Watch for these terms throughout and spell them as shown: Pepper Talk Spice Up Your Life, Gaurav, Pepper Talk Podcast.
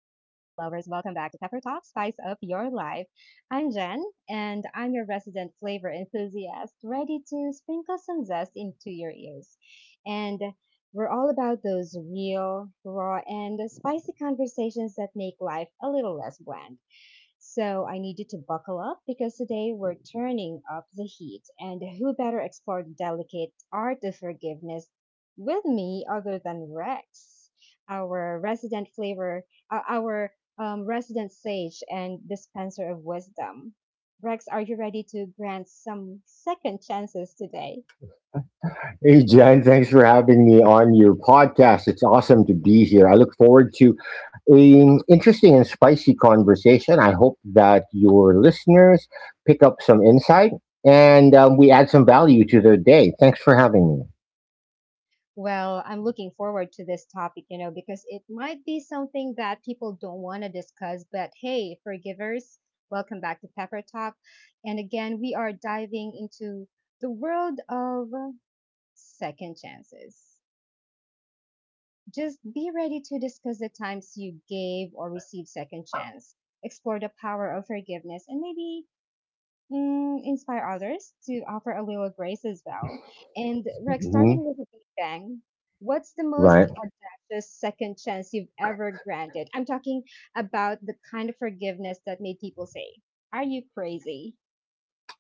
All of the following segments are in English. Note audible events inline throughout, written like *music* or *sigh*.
welcome back to Pepper Talk Spice Up Your Life. I'm Jen, and I'm your resident flavor enthusiast, ready to sprinkle some zest into your ears. And we're all about those real, raw, and spicy conversations that make life a little less bland. So I needed to buckle up because today we're turning up the heat. And who better explore the delicate art of forgiveness with me other than Rex, our resident flavor, our resident sage and dispenser of wisdom? Rex, are you ready to grant some second chances today? Hey, Jen, thanks for having me on your podcast. It's awesome to be here. I look forward to an interesting and spicy conversation. I hope that your listeners pick up some insight and we add some value to their day. Thanks for having Well, I'm looking forward to this topic, because it might be something that people don't want to discuss. But hey, forgivers, welcome back to Pepper Talk. And again, we are diving into the world of second chances. Just be ready to discuss the times you gave or received second chance, explore the power of forgiveness, and maybe inspire others to offer a little grace as well. And Rex, me. Hmm. starting with a big bang, what's the Right. most audacious second chance you've ever granted? I'm talking about the kind of forgiveness that made people say, "Are you crazy?"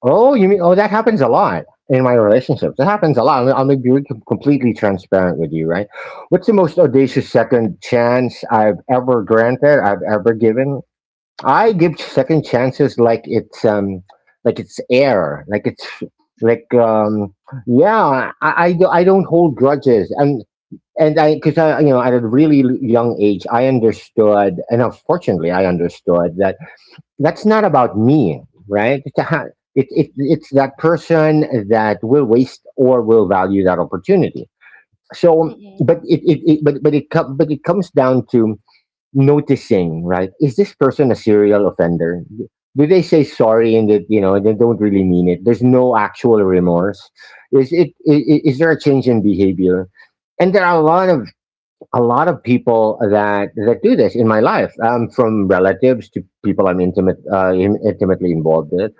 Oh, you mean, oh, that happens a lot in my relationships. That happens a lot. I'll be really completely transparent with you, right? What's the most audacious second chance I've ever granted, I've ever given? I give second chances like it's like it's air, like it's like um yeah, I don't hold grudges, and I, because I, you know, at a really young age I understood, and unfortunately I understood that that's not about me, right? It, Mm-mm. it's that person that will waste or will value that opportunity. So, Mm-mm. but it but it com- but it comes down to noticing, right? Is this person a serial offender? Do they say sorry and, that you know, they don't really mean it? There's no actual Mm-mm. remorse. Is there a change in behavior? And there are a lot of people that do this in my life, from relatives to people I'm intimately involved with.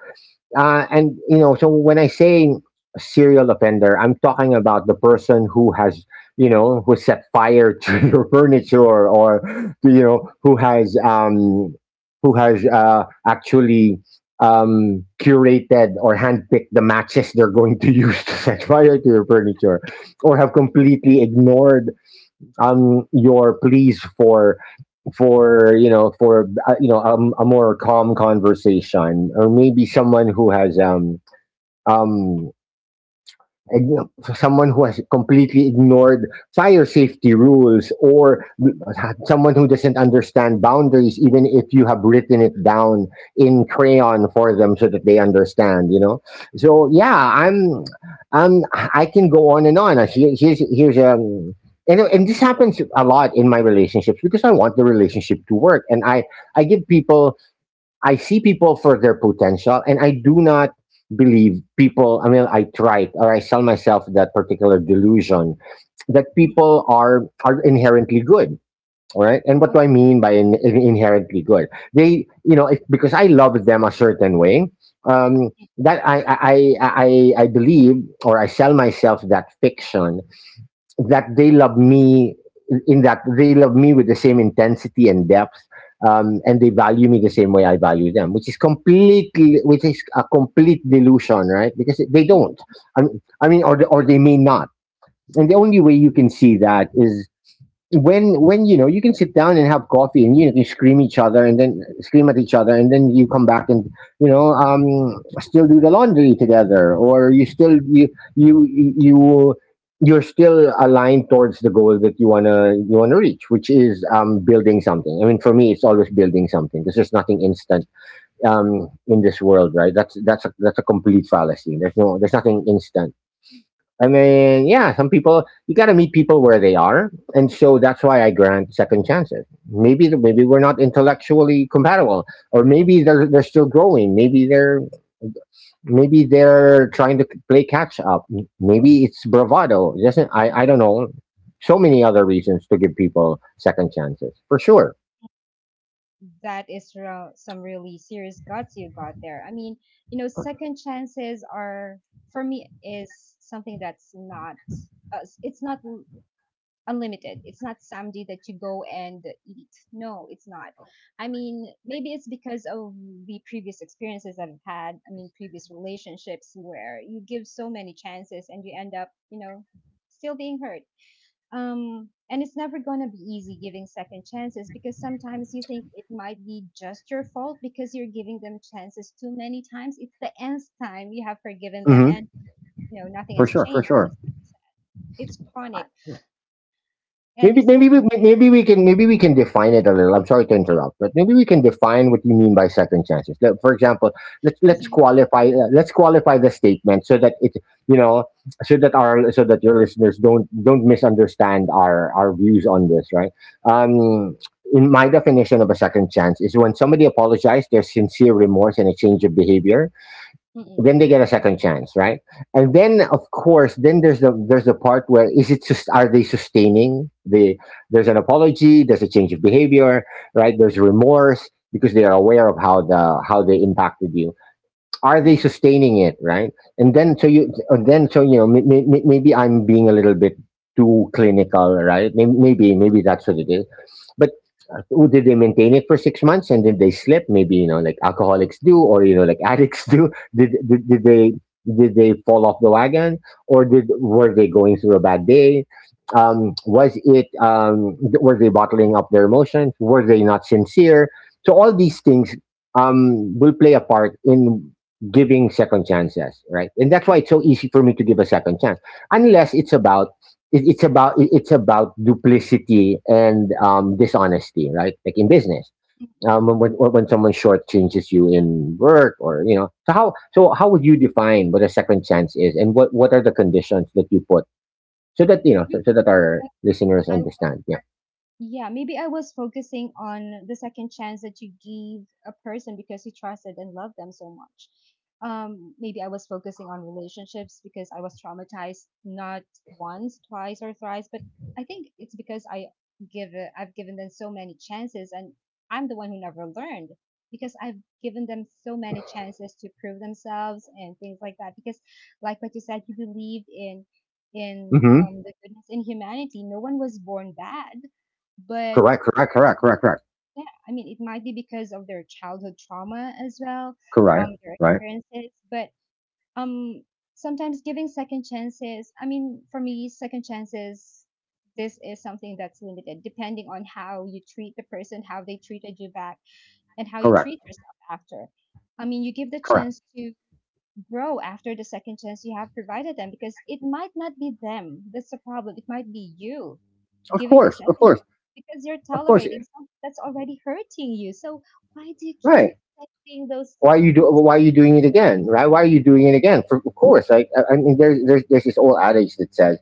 And, you know, so when I say serial offender, I'm talking about the person who has, you know, who set fire to *laughs* your furniture, or, you know, who has actually curated or handpicked the matches they're going to *laughs* use to set fire to your furniture, or have completely ignored, your pleas for, a more calm conversation, or maybe someone who has um igno- someone who has completely ignored fire safety rules, or someone who doesn't understand boundaries even if you have written it down in crayon for them so that they understand, you know. So yeah, um I can go on and on. Here's and, this happens a lot in my relationships because I want the relationship to work, and I give Mm-mm. people, I see people for their potential, and I do not believe people. I mean, I try it, or I sell myself that particular delusion that people are inherently good. All right? And what do I mean by inherently good? They, you know, if, because I love them a certain way, um, that I I believe, or I sell myself that fiction that they love me, in that they love me with the same intensity and depth, and they value me the same way I value them, which is a complete delusion, right? Because they Okay. don't. I mean, or they may not. And the only way you can see that is when you know, you can sit down and have coffee and you scream each other, and then scream at each other, and then you come back and, you know, still do the laundry together, or you still you you you you're still aligned towards the goal that you wanna reach, which is, building something. I mean, for me, it's always building something because there's nothing instant, in this world, right? That's a complete fallacy. There's nothing instant. I mean, yeah, some people, you got to meet people where they are, and so that's why I grant second chances. Maybe we're not intellectually compatible, or maybe they're still growing. Maybe they're trying to play catch up. Maybe it's bravado. It doesn't. I? I don't know. So many other reasons to give people second chances, for sure. That is real, some really serious guts you got there. I mean, second chances are for me is something that's not it's not unlimited. It's not something that you go and eat. No, it's not. I mean, maybe it's because of the previous experiences I've had. I mean, previous relationships where you give so many chances and you end up, still being hurt. And it's never going to be easy giving second chances because sometimes you think it might be just your fault because you're giving them chances too many times. It's the nth time you have forgiven them Hmm. and nothing For has sure, for changed. sure. Just like you said, it's chronic and Maybe you still forget. Maybe we can define it a little. I'm sorry to interrupt, but maybe we can define what you mean by second chances. Like, for example, let's *laughs* let's Exactly. qualify, let's qualify the statement, so that it, you know, so that your listeners don't misunderstand our views on this, right? Um, in my definition, of a second chance is when somebody apologized, there's sincere remorse and a change of behavior, Mm, then they mm, get a second chance, right? And then, of course, then there's the part where, are they sustaining the, there's an apology, there's a change of behavior, right? There's remorse because they are aware of how they impacted you. Are they mm. sustaining it, right? And then, so you, and then so, you know, maybe I'm being a little bit too clinical, right? Maybe that's what it is, but who, did they maintain it for 6 months and then they slip? Maybe, you know, like alcoholics do, or you know, like *laughs* addicts do. Did they, did they fall off the wagon, or did, were they going through a bad day? Was it, were they bottling up their emotions? Were they not sincere? So all these things, will play a part in giving second chances, right? And that's why it's so easy for me to give a second chance, unless it's about, it's about duplicity and, dishonesty, right? Like in business, Mm, mm. when when someone shortchanges you in work, or you know. So how would you define what a second chance is, and what are the conditions that you put, so that you know, so, Maybe so that our I maybe listeners I understand? Yeah. yeah, maybe I was focusing on the second chance that you give a person because you trusted and loved them so much. Maybe I was focusing on relationships because I was traumatized not once, twice, or thrice, but I think it's because I I've given them so many chances, and I'm the one who never learned because I've given them so many chances to prove themselves and things like that. Because, like what you said, you believed in Mm-hmm. The goodness in humanity. No one was born bad but Correct. Correct. Correct. Correct. Correct. yeah, I mean, it might be because of their childhood trauma as well, Correct. Their Right. experiences. But um, sometimes giving second chances, I mean, for me, second chances, this is something that's limited depending on how you treat the person, how they treated you back, and how you Correct. treat yourself after. I mean, you give the Correct. chance to grow after the second chance you have provided them because it might not be them. That's the problem. It might be you Of giving the course. Of second course. time because you're Of course. tolerating something that's already hurting you. So why do you keep Right. setting those Why you do? goals? Why are you doing it again? Right? Why are you doing it again? For, of course. Like I mean, there's this old adage that says,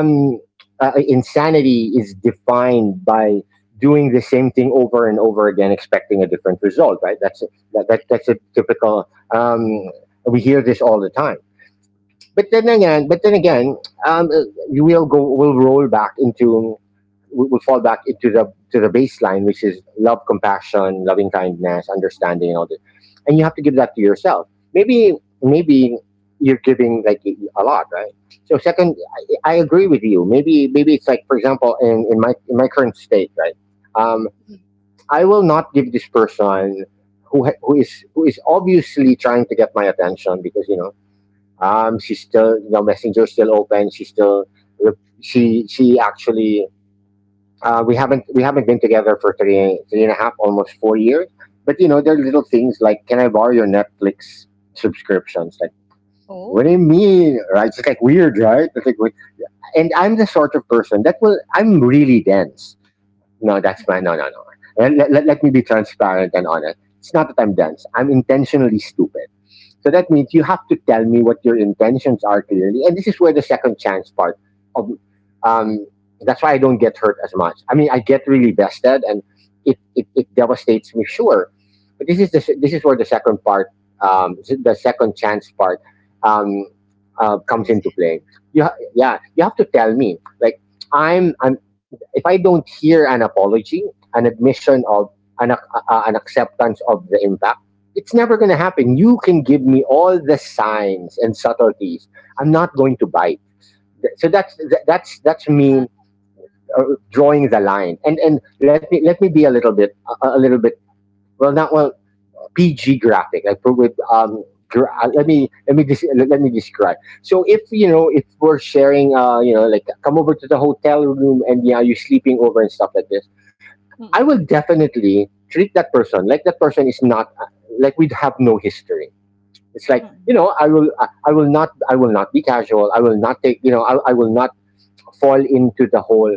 Hmm. Insanity is defined by doing the same thing over and over again, expecting a different result. Expect- Right? That's a, Yes. that's a typical. Um, we hear this all the time. Hmm. But then again, um, uh, you will go, will roll back into, we will fall back into the, to the baseline, which is love, compassion, loving kindness, understanding, and all that. And you have to give that to yourself. Maybe maybe you're giving like a lot, right? So second, I agree with you. Maybe it's like, for example, in my current state, right? Um, Mhm. I will not give this person, who is obviously trying to get my attention because, you know, she's still, you know, Messenger's still open. She's still, she actually, we haven't been together for three and a half, almost 4 years. But you know, there are Mhm. little things like, can I borrow your Netflix subscriptions? Like, what do you Oh, mean, right? It's like weird, right? It's like, wait. And I'm the sort of person that will, I'm really dense. No, that's my, mhm. no no no. Let me be transparent and honest. It's not that I'm dense. I'm intentionally stupid. So that means you have to tell me what your intentions are clearly. And this is where the second chance part of, um, that's why I don't get hurt as much. I mean, I get really vested, and it devastates me, sure. But this is the this is where the second part, the second chance part, um, comes Comes in. into play. Hmm. Yeah, you have to tell me, like, I'm, if I don't hear an apology, an admission of, an, ac- an acceptance of the impact, it's never going to happen. You can give me all the signs and subtleties. I'm not going to bite. Th- So that's th- That's Uh, me, uh, drawing the line. And, let me, be a little bit, a little bit, well, not well, PG graphic, like, let okay. me, let me describe. So, if you know, if we're sharing, uh, you know, like, come over to the hotel room and yeah, you're sleeping over and stuff like this, I will Mm-mm. definitely treat that person like that person is not, like we have no history. It's like, you Mm-mm. know, I will not be casual. I will not take, you know, I will not fall into the whole,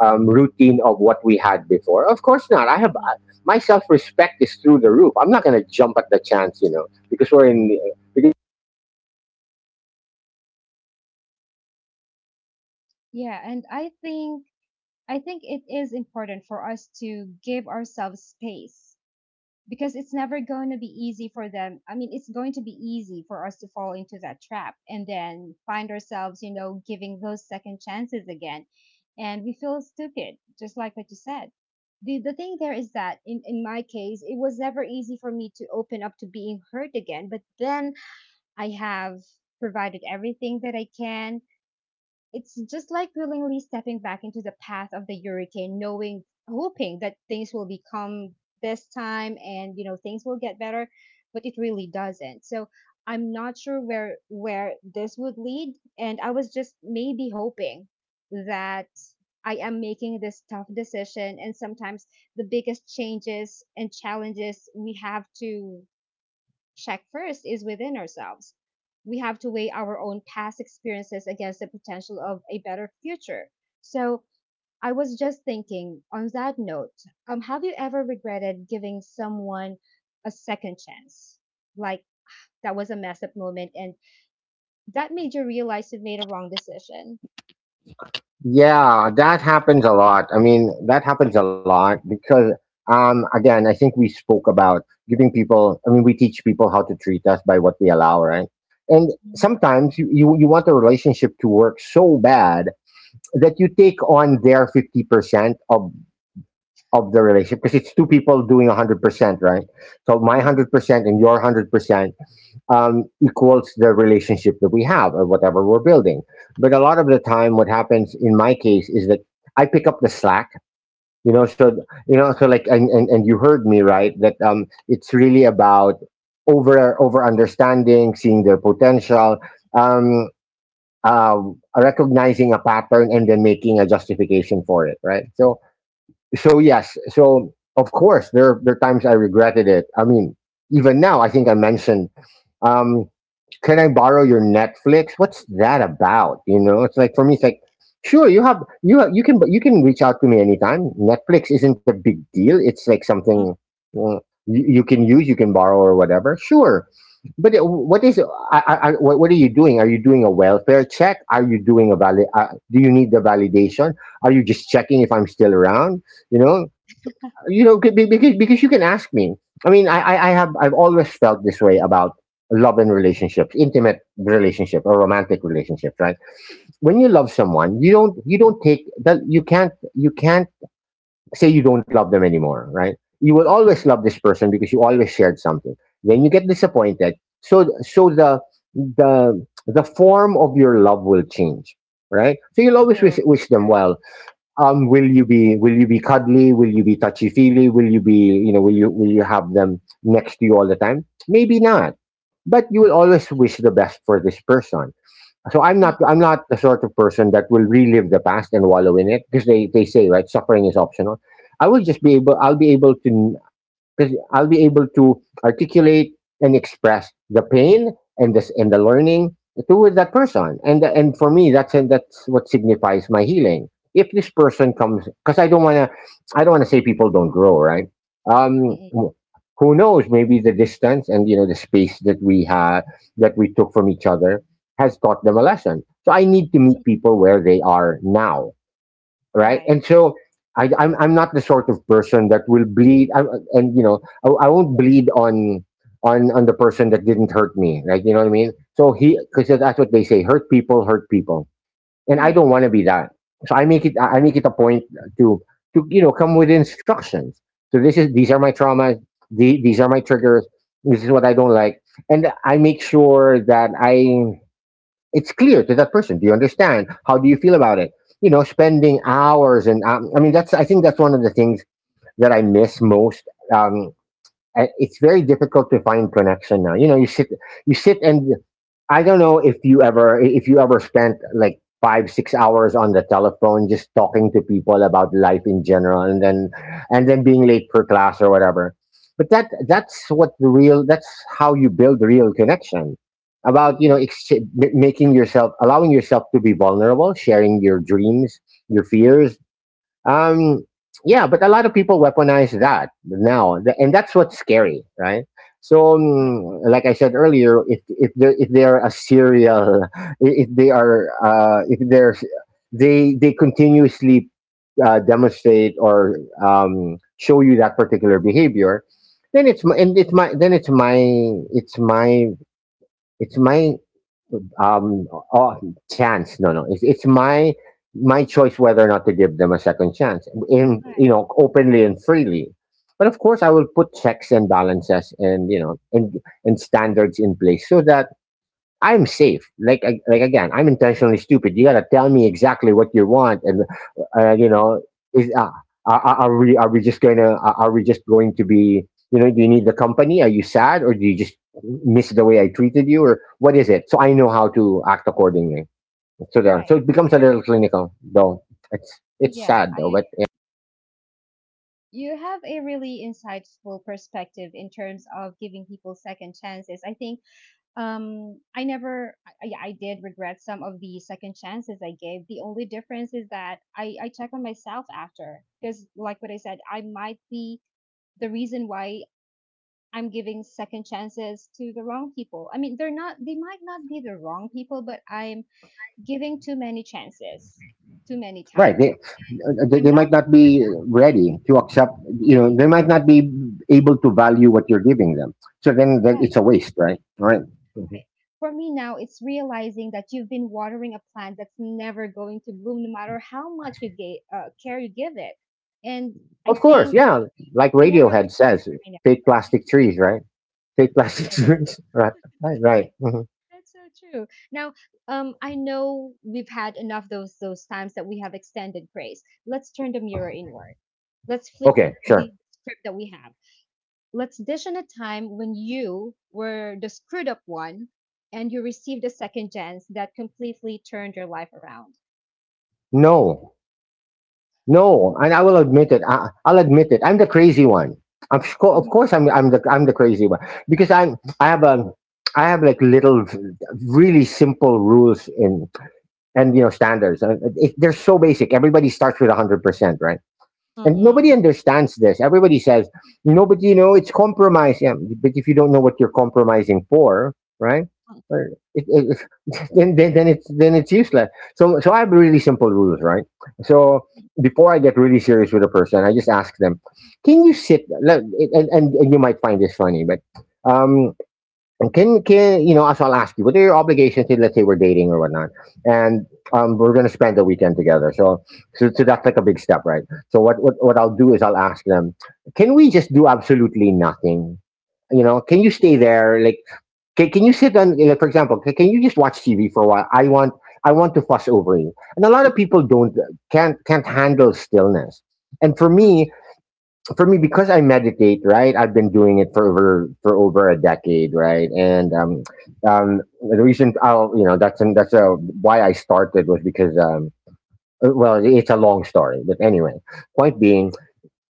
routine of what we had before. Of course not. Uh, My self respect is through the roof. I'm not gonna jump at the chance, you know, because we're in, yeah, and I think it is important for us to give ourselves space because it's never going to be easy for them. I mean, it's going to be easy for us to fall into that trap and then find ourselves, giving those second chances again. And we feel stupid, just like what you said. The thing there is that in my case, it was never easy for me to open up to being hurt again. But then I have provided everything that I can. It's just like willingly stepping back into the path of the hurricane, knowing, hoping that things will become this time and things will get better, but it really doesn't. So I'm not sure where this would lead, and I was just maybe hoping that I am making this tough decision, and sometimes the biggest changes and challenges we have to check first is within ourselves. We have to weigh our own past experiences against the potential of a better future. So, I was just thinking on that note, have you ever regretted giving someone a second chance? Like that was a messed up moment and that made you realize you've made a wrong decision. Yeah, that happens a lot. I mean, that happens a lot because I think we spoke about giving people. I mean, we teach people how to treat us by what we allow, right? And Mm, sometimes you want a relationship to work so bad that you take on their 50% of the relationship because it's two people doing 100%, right? So my mm, 100% and your 100% equals the relationship that we have or whatever we're building. But a lot of the time, what happens in my case is that I pick up the slack. So and you heard me right that it's really about over understanding, seeing their potential. Um, uh, Recognizing a pattern and then making a justification for it, right? So yes, so of course there are times I regretted it. I mean, even now I think I mentioned. Um, can I borrow your Netflix? What's that about? You know, it's like for me, it's like, sure, you can reach out to me anytime. Netflix isn't a big deal. It's like something mm. uh, you, you can use, you can borrow or whatever. Sure, but Yeah. what is what are you doing? Are you doing a welfare check? Are you doing a valid? Do you need the validation? Are you just checking if I'm still around? You know, you know because you can ask me. I mean, I've always felt this way about love and relationships, intimate relationship or romantic relationships, right? When you love someone, you don't take that. You can't say you don't love them anymore, right? You will always Mm-mm, love this person because you always shared something. When you get disappointed, so the form of your love will change, right? So you'll always true. wish, wish them well. Will you be, will you be cuddly? Will you be touchy feely? Will you be, you know, will you have them next to you all the time? Maybe not, but you will always wish the best for this person. So I'm not Mm. I'm not the sort of person that will relive the past and wallow in it, because they say, right, suffering is optional. I'll be able to, because I'll be able to articulate and express the pain and this and the learning to that person. And for me, that's what signifies my healing. If this person comes, because I don't want to say people don't grow, right? Mm-mm, Who knows? Maybe the distance and, you know, the space that we had, that we took from each other, has taught them a lesson. So I need to meet people where they are now, right? right. And so I'm not the sort of person that will bleed. I, and you know, I won't bleed on on the person that didn't hurt me, right? You know what I mean? So he, because that's what they say: hurt people, hurt people. And I don't Mm, want to be that. So I make it a point to to, you know, come with instructions. So this is these are my traumas. These are my triggers. This is what I don't like, and I make sure that I it's clear to that person. Do you understand? How do you feel about it? You know, spending hours and, that's, I think, that's one of the things that I miss most. um, it's very difficult to find connection now. You know, you sit, and I don't know if you ever spent like five, 6 hours on the telephone just talking to people about life in general, and mm, then being late for class or whatever. But that's what the real, that's how you build real connection. About, you know, mm, making yourself, allowing yourself to be vulnerable, sharing your dreams, your fears, um, yeah, but a lot of people weaponize that now, and that's what's scary, right? So, yeah. Like I said earlier, if if they are a serial, *laughs* if they are if they're, they continuously demonstrate or show you that particular behavior, then it's my and it's my then it's my it's my it's my um oh, chance no no it's it's my, my choice whether or not to give them a second chance in, you Right. know, openly and freely. But of course I will put checks and balances and, you know, and standards in place so that I'm safe. Like like again, I'm intentionally stupid. You gotta tell me exactly what you want, and you Mm. know, is are we are we just gonna are we just going to be, you know? Do you need the company? Are you sad, or do you just miss the way I treated you, or what is it? So I know how to act accordingly. So there, Right. so it becomes a little clinical, though. It's Yeah. sad though, I but. you have a really insightful perspective in terms of giving people second chances. I think I never, yeah, I did regret some of the second chances I gave. The only difference is that I check on myself after because, like what I said, I might be the reason why I'm giving second chances to the wrong people. I mean, they're not, they might not be the wrong people, but I'm giving too many chances too many Right. times. And I'm They not. might not be ready to accept, you know, Mm, they might not be able to value what you're giving them. So then that, right. it's a waste, right? Right. Mhm. Right. For me now, it's realizing that you've been watering a plant that's never going to bloom, no matter how much you care you give it. And I Of course. think Yeah. Like we never. Radiohead I says, know. fake plastic trees, right? Fake plastic *laughs* Right. trees. Right. Right. Right. Mhm. That's so true. Now, I know we've had enough those times that we have extended praise. Let's turn the mirror inward. Let's flip Okay. Sure. the script that we have. Let's dish on a time when you were the screwed up one, and you received a second chance that completely turned your life around. No. No. No? And I will admit it. I'll admit it. I'm the crazy one. Of course I'm, I'm the crazy one because I have a, I have like little, really simple rules in and, you know, standards. They're so basic. Everybody starts with 100%, right? And Mm, nobody understands this. Everybody says, "No, but you know, it's compromise." Yeah, but if you don't know what you're compromising for, right? mm, or It, it, *laughs* then it's, then it's useless. So I have really simple rules, right? So before I get really serious with a person, I just ask them, "Can you sit?" Like, and you might find this funny, but, um, and can you know. So I'll ask you, what are your obligations? If, let's say we're dating or whatnot, and, we're gonna spend the weekend together. So, so that's like a big step, right? So what I'll do is I'll ask them, can we just do absolutely nothing? You know, can you stay there? Like, can you sit on? You know, for example, can you just watch TV for a while? I want to fuss over you. And a lot of people don't, can't handle stillness. And for mm, me, for me, because I meditate, right? I've been doing it for over a decade, right? and um the reason I'll you know that's a, why I started, was because, well, it's a long story, but anyway, point being,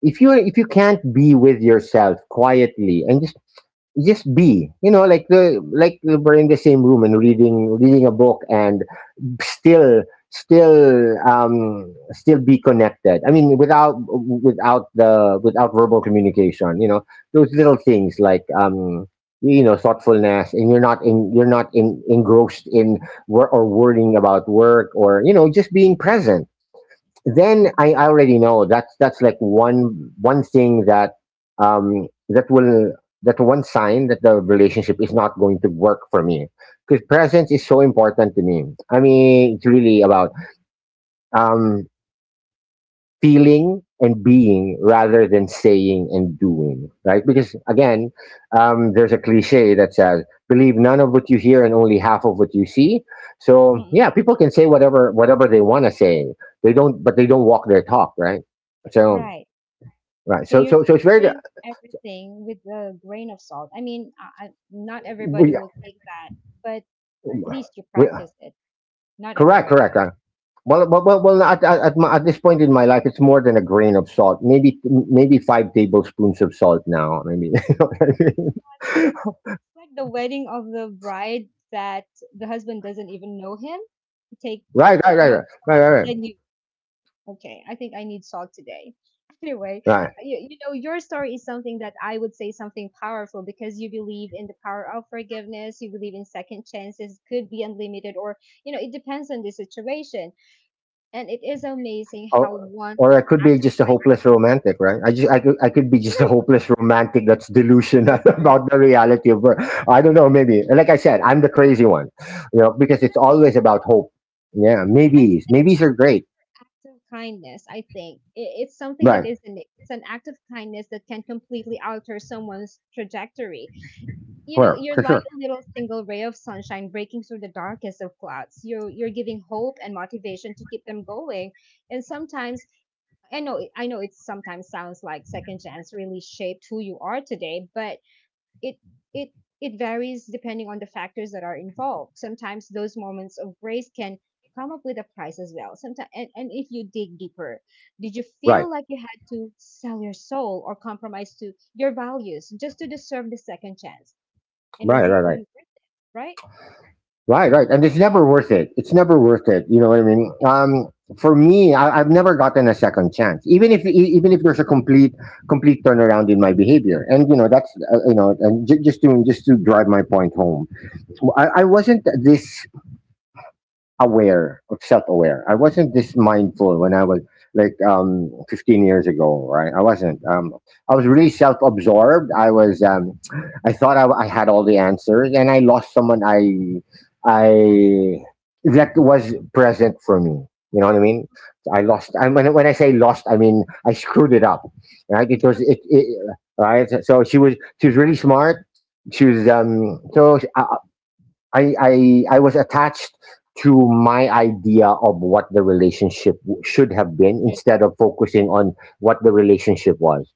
if you can't be with yourself quietly and just be, you know, like the like we're in the same room and reading a book and still, still be connected. I mean, without the, without verbal communication, you know, those little things like, you know, thoughtfulness, and you're not in, engrossed in wor- or worrying about work, or, you know, just being present. Then mm, I already know that's like one, one thing that, that will, that one sign that the relationship is not going to work for me, because presence is so important to me. I mean, it's really about, um feeling and being rather than saying and doing, right? Because again, there's a cliche that says, "Believe none of what you hear and only half of what you see." So mm, yeah, people can say whatever they want to say. They don't, but they don't walk their talk, right? So right. right, So so you're so it's very, taking everything with a grain of salt. I mean, not everybody we, will take that, but at least you we, practice it. Not correct, everybody correct. does. Well at, my, at this point in my life, it's more than a grain of salt. Maybe, maybe five tablespoons of salt now. Maybe. *laughs* It's, like, it's like the wedding of the bride that the husband doesn't even know him. You take Right, right, too right, much right, salt, right, and right. then you. Okay, I think I need salt today. *laughs* Anyway, Right. Your story is something that I would say something powerful because you believe in the power of forgiveness, you believe in second chances, could be unlimited, or it depends on the situation. And it is amazing or, how one's or I could be act. just a hopeless romantic right I just I could be *laughs* just a True, hopeless romantic that's so delusional *laughs* true. about the reality of work. I don't know, maybe like I said, I'm the crazy one, you know, because But it's I think, always about hope. Yeah, I think maybes are it's your great, act of kindness, I think. It's something that right? is an act of kindness that can completely alter someone's trajectory. for You're for like sure. a little single ray of sunshine breaking through the darkest of clouds. You're giving hope and motivation to keep them going. And sometimes, I know it sometimes sounds like second chance really shaped who you are today, but it it it varies depending on the factors that are involved. Sometimes those moments of grace can come up with a price as well. Sometimes, and if you dig deeper, did you Right, feel like you had to sell your soul or compromise to your values just to deserve the second chance, and was right, it right, right. even worth it, right? Right, right. And it's never worth it. It's never worth it. You know what I mean? For me, I've never gotten a second chance, even if even if there's a complete turnaround in my behavior. And you know, that's you know, and just to drive my point home, I wasn't this aware of self-aware. I wasn't this mindful when I was like 15 years ago, right? I wasn't I was really self-absorbed. I was I thought I had all the answers, and I lost someone. I that was present for me, you know what I mean? I lost I when, when I say lost, I mean I screwed it up, right? It was it. Right, so she was really smart. She was so I was attached to my idea of what the relationship should have been, Should. instead of focusing on what the relationship was.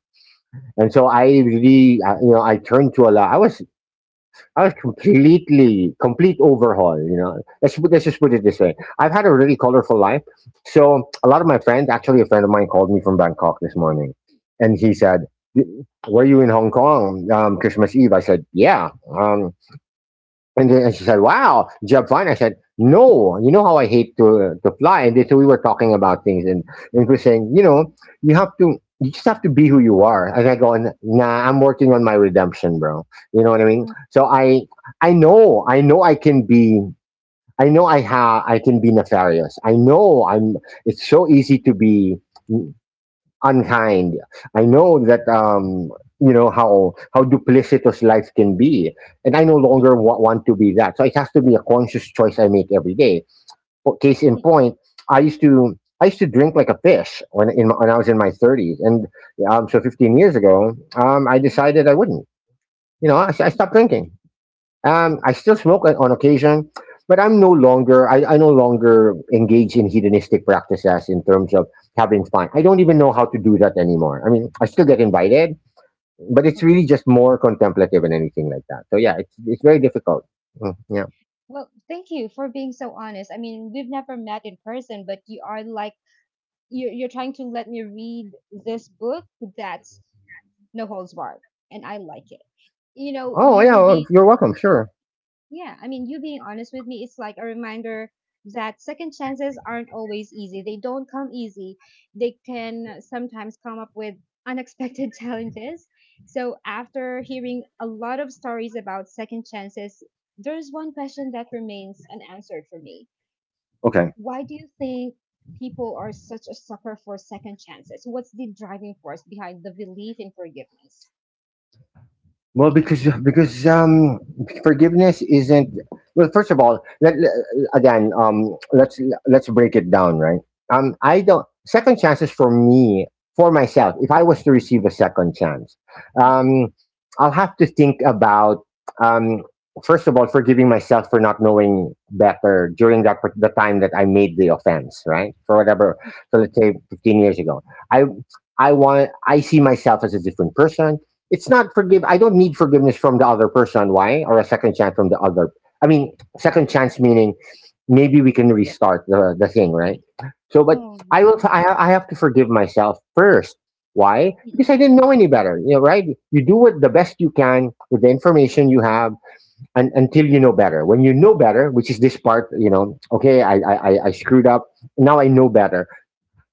And so I really, you know, I turned to a lot. I was completely, complete overhaul. You know, let's just put it this way. I've had a really colorful life. So a lot of my friends, actually, a friend of mine called me from Bangkok this morning, and he said, "Y- "Were you in Hong Kong Christmas Eve?" I said, "Yeah." Um, and then she said, "Wow, job fine." I said, "No, you know how I hate to fly." And then, so we were talking about things, and we're saying, you know, you just have to be who you are. And I go, "Nah, I'm working on my redemption, bro." You know what I mean? Mm, So I, I know I can be. I know I can be nefarious. I know I'm. It's so easy to be unkind. I know that you know how duplicitous life can be, and I no mm, longer want to be that. So it has to be a conscious choice I make every day. But case in mm-mm, point, I used to drink like a fish when I was in my thirties, and so 15 years ago, I mm-mm, decided I wouldn't. You know, I mm-mm, stopped drinking. I still smoke on occasion, but I'm no longer I no longer engage in hedonistic practices in terms of having fun. I don't even know how to do that anymore. I mean, I still get invited, but it's really mm-mm. just more contemplative and anything like that. So yeah, it's very difficult. Mm, yeah. Well, thank you for being so honest. I mean, we've never met in person, but you are like you're trying to let me read this book that's no holds barred, and I like it. You know, Oh yeah. you Well, being. you're welcome. Sure. Yeah, I mean, you being honest with me, it's like a reminder that second chances aren't always easy. They don't come easy. They can sometimes come up with unexpected *laughs* challenges. So, after hearing a lot of stories about second chances, there's one question that remains unanswered for me. Okay. Why do you think people are such a sucker for second chances? What's the driving force behind the belief in forgiveness? Well, because forgiveness isn't well. First of all, again, let's break it down, right? I don't second chances for me, for myself. If I was to receive a second chance, Mm-mm, um, I'll have to think about um, first of all forgiving myself for not knowing better during that the time that I made the offense, right? For whatever, mm. so let's say 15 years ago, I I want I see myself as a different person. It's not forgive. I don't need forgiveness from the other person. Why or a second chance from the other? I mean, second chance meaning maybe we can restart the thing, right? So but Oh, I have to forgive myself first. Why? mm-mm, Because I didn't know any better, you know, right? You do what the best you can with the information you have, and until you know better. When you know better, which is this part, you know, okay, I screwed up. Now I know better.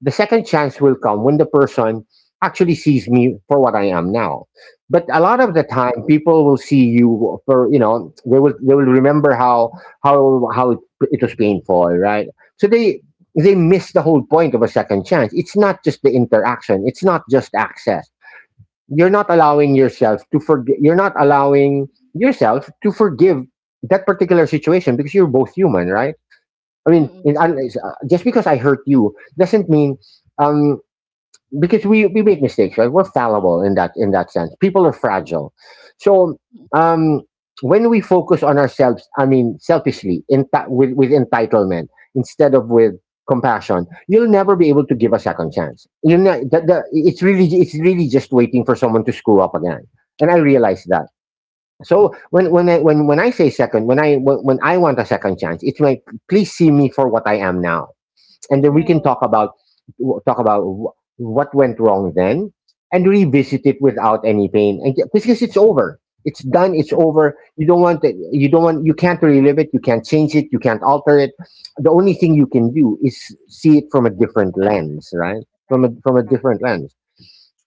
The second chance will come when the person actually sees me for what I am now. But a lot mm-mm, of the time, people will see you for you know they will remember how how it was painful, right? So they miss the whole point of a second chance. It's not just the interaction. It's not just access. You're not allowing yourself to forgive. You're not allowing yourself to forgive that particular situation because you're both human, right? I mean, mm-mm, just because I hurt you doesn't mean um, because we make mistakes, right? We're fallible in that sense. People are fragile. So mm-mm, um, when we focus on ourselves, I mean selfishly, in with entitlement instead of with compassion, you'll never be able to give a second chance. You know, it's really just waiting for someone to screw up again. And I realize that. So when I say second, when I want a second chance, it's like please see me for what I am now, and then we can true. Talk about what went wrong then, and True. revisit it without any pain, and because it's over. It's done. It's Mhm. over. You don't want it. You You don't can't want You can't relive it. You can't change it. You can't alter it. The only thing you can do is see it from a move. different lens, right? From a Right, right. different lens.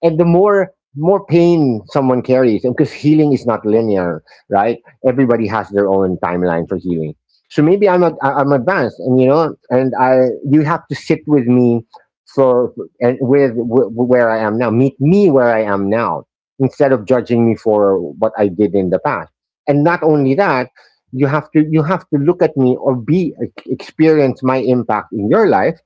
And the more pain someone carries, because healing is not linear, right? Everybody has their own timeline for healing. So maybe I'm advanced, and you know, and I you have to sit with me for and with where I am now. Meet me where I am now, instead of judging me for what I did in the past. And What I not did. only that, you have to look at me, or be like, experience my impact in your life,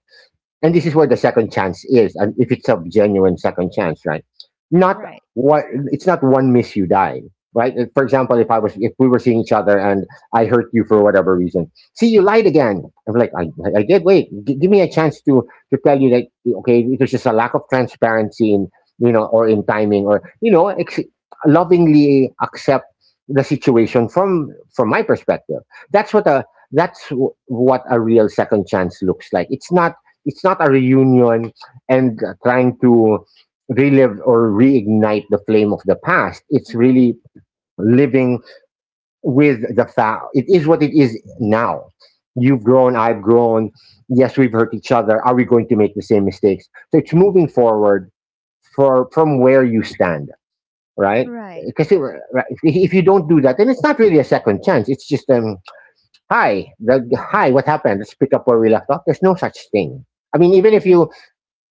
and this is where the second chance is. And if it's a genuine second chance, right? Not Right. what. It's not one miss you die, right? For example, if I was if we were seeing each other and I hurt you for whatever reason, see you lied again. I'm like, I did wait. Give me a chance to tell you that okay, it was just a lack of transparency in you know or in timing or you know lovingly accept the situation from my perspective. That's what a that's what a real second chance looks like. It's not a reunion and trying to relive or reignite the flame of the past. It's Mhm. really living with the fact it is what it is now. You've grown, I've grown. Yes, we've hurt each other. Are we going to make the same mistakes? So it's moving forward for from where you stand, right? Right. Because *laughs* if you don't do that, then it's not really a second chance. It's just hi, hi, what happened? Let's pick up where we left off. There's no such thing. I mean, Mm-mm.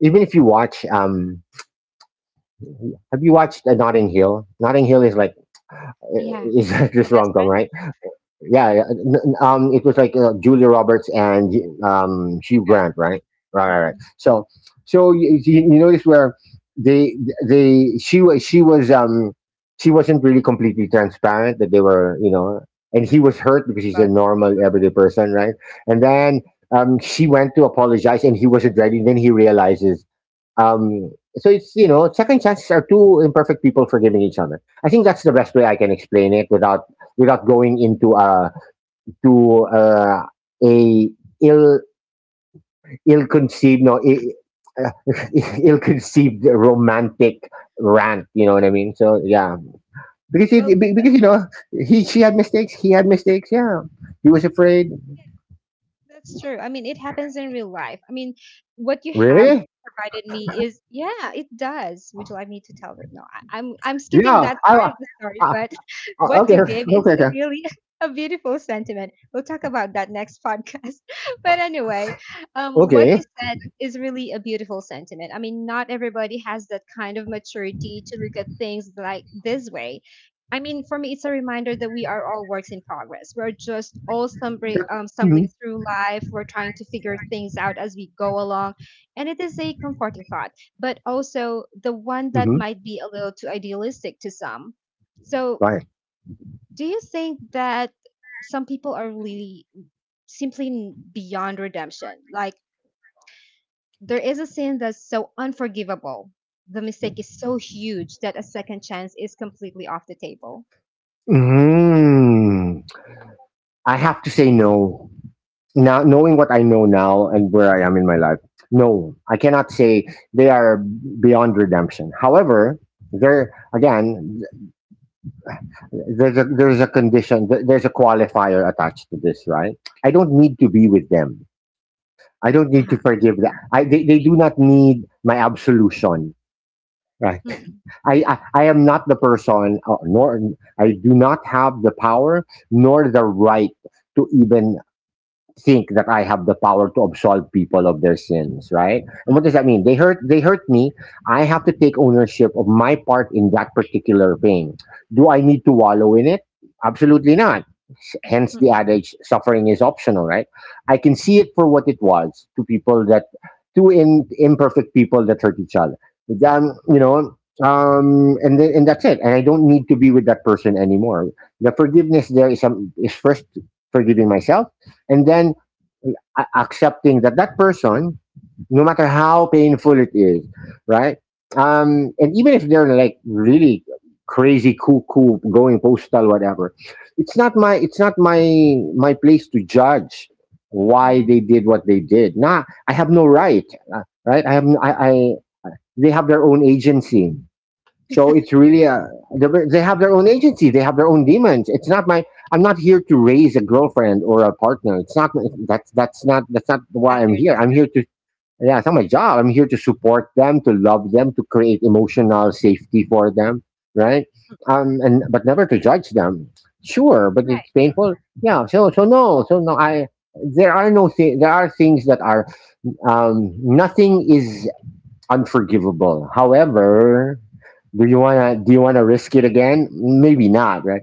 even if you watch have you watched Notting Hill? Notting Hill is like uh, Yeah. is *laughs* The this best rom com, friends? right? Yeah, yeah, it was like Julia Roberts and Yeah, you Hugh can. Grant, right? Right, right, right. Mm-mm. So, so you notice where they they she was she wasn't really completely transparent that they were, you know, and he was hurt because he's a About. normal everyday person, right? And then she went to apologize and he wasn't ready. Then he realizes um, so it's you know, second chances are two imperfect people forgiving each other. I think that's the best way I can explain it without without going into to a ill ill conceived no I- *laughs* ill conceived romantic rant. You know what I mean? So yeah, because Well, because you know he she had mistakes, he had mistakes. Yeah, he was afraid. that's true. I mean, it happens in real life. I mean, what you have Really? provided me is, yeah, it does. Would you like me to tell it? No, I'm skipping Yeah. that part of the story. I, But *laughs* what okay. you gave is Okay. Okay. really *laughs* a beautiful sentiment. We'll talk about that next podcast. *laughs* But anyway, what Okay. you said is really a beautiful sentiment. I mean, not everybody has that kind of maturity to look at things like this way. I mean, for me, it's a reminder that we are all works in progress. We're just all stumbling through life. We're trying to figure things out as we go along. And it is a comforting thought, but also the one that Mm-hmm. might be a little too idealistic to some. So, do you think that some people are really simply beyond redemption? Like, there is a sin that's so unforgivable. The mistake is so huge that a second chance is completely off the table. Mm, I have to say no. Now, knowing what I know now and where I am in my life, no, I cannot say they are beyond redemption. However, there again, there's a condition, there's a qualifier attached to this, right? I don't need to be with them. I don't need to Uh forgive them. I they do not need my absolution, right? huh. *laughs* I am not the person, nor I do not have the power nor the right to even think that I have the power to absolve people of their sins, right? And what does that mean? They hurt me. I have to take ownership of my part in that particular pain. Do I need to wallow in it? Absolutely not. Hence the Mm. adage suffering is optional, right? I can see it for what it was to people that two imperfect people that hurt each other. Then, you know, and then, and that's it. And I don't need to be with that person anymore. The forgiveness there is some is first forgiving myself and then accepting that that person, no matter how painful it is, right? And even if they're like really crazy cuckoo going postal whatever, it's not my place to judge why Mm. they did what they did. Nah, I have no right. Right, I, they have their own agency. So it's really they have their own agency. They have their own demons. It's not my. I'm not here to raise a girlfriend or a partner. It's not that's not why That's I'm your here. job. I'm here to, yeah, it's not my job. I'm here to support them, to love them, to create emotional safety for them, right? Mm, And but never to judge them. Sure, but right. it's painful. Yeah. So no. I There are things that are, nothing is unforgivable. However, do you wanna risk it again? Maybe not, right?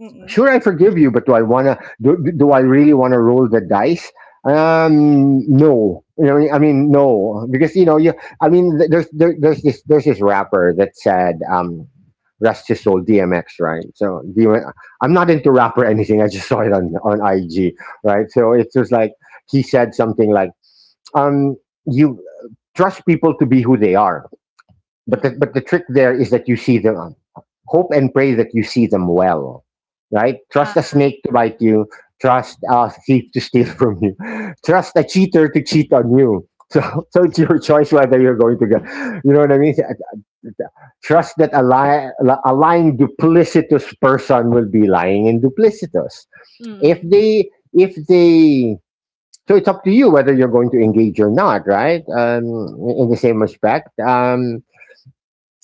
Mm, Sure, I forgive you, but do I really wanna roll the dice? No. You know, I mean, no, because you know, you. I mean, there's this rapper that said, "Rest his soul," DMX, right? I'm not into rap or anything. I just saw it on IG, right? So it's just like he said something like, um, "You trust people to be who they are," but mm. the trick there is that you see them. Hope and pray that you see them well, right? Trust a Uh-huh. snake to bite you. Trust a thief to steal from you. *laughs* Trust a cheater to cheat on you. *laughs* So, so it's your choice whether you're going to get. You know what I mean? Trust that a lying duplicitous person will be lying and duplicitous. Mm. If they, So it's up to you whether you're going to engage or not, right? In the same respect. Um,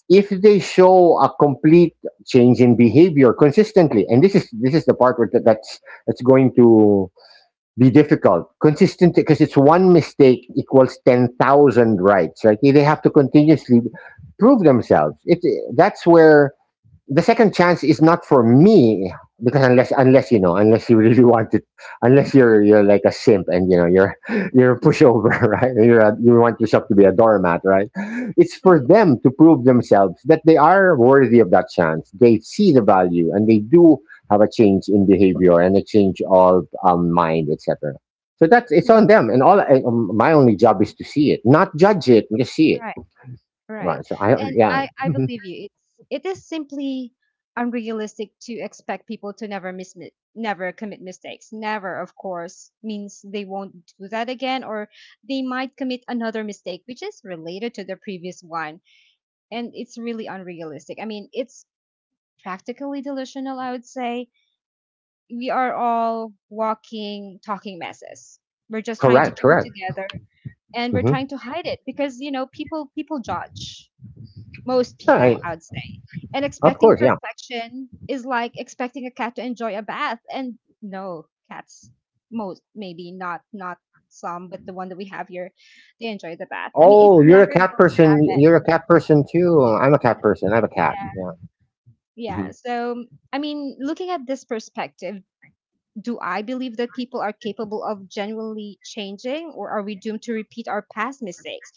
if they show a complete change in behavior consistently, and this is the part where that's going to be difficult consistently, because it's one mistake equals 10,000 rights. Right, they have to continuously prove themselves. It That's where the second chance is not for me, because unless you know, unless you *laughs* really want to, unless you're like a simp, and you know you're *laughs* you're a pushover. *laughs* Right, and you want yourself to be a doormat, right? It's for Mm, them to prove themselves that they are worthy of that chance, they see the value, and they do have a change in behavior and a change of mind, etc. So that's it's mm. on them and all, my only job is to see it, not judge it, just see Right, it. right. Right. So I And yeah. I *laughs* believe you. It is simply unrealistic to expect people to never never commit mistakes. Never, of course, means they won't do that again, or they might commit another mistake which is related to the previous one. And it's really unrealistic. I mean, it's practically delusional, I would say we are all walking, talking messes. We're just trying to Correct, keep it correct. together, and we're Hmm. trying to hide it because you know people judge. Most people, I'd say. And Of expecting course, yeah. perfection is like expecting a cat to enjoy a bath. And no, cats most maybe not some, but the one that we have here, they enjoy the bath. I mean, it's Oh, you're never a cat going to person. happen. You're a cat person too. I'm a cat person. I have a cat. Yeah. Hmm. Yeah. So I mean, looking at this perspective, do I believe that people are capable of genuinely changing, or are we doomed to repeat our past mistakes?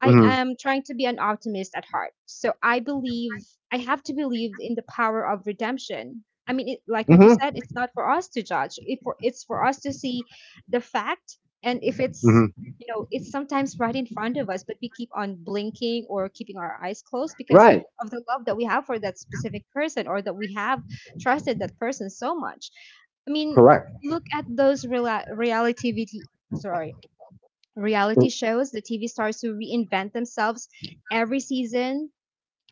I Hmm. am trying to be an optimist at heart. So I believe I have to believe in the power of redemption. I mean, it, like what you Hmm. said, it's not for us to judge. It for, it's for us to see the fact, and if it's Hmm. you know, it's sometimes right in front of us, but we keep on blinking or keeping our eyes closed because Right. of the love that we have for that specific person, or that we have trusted that person so much. I mean, Correct. look at those reala reality TV, sorry, reality R- shows, the TV stars who reinvent themselves every season.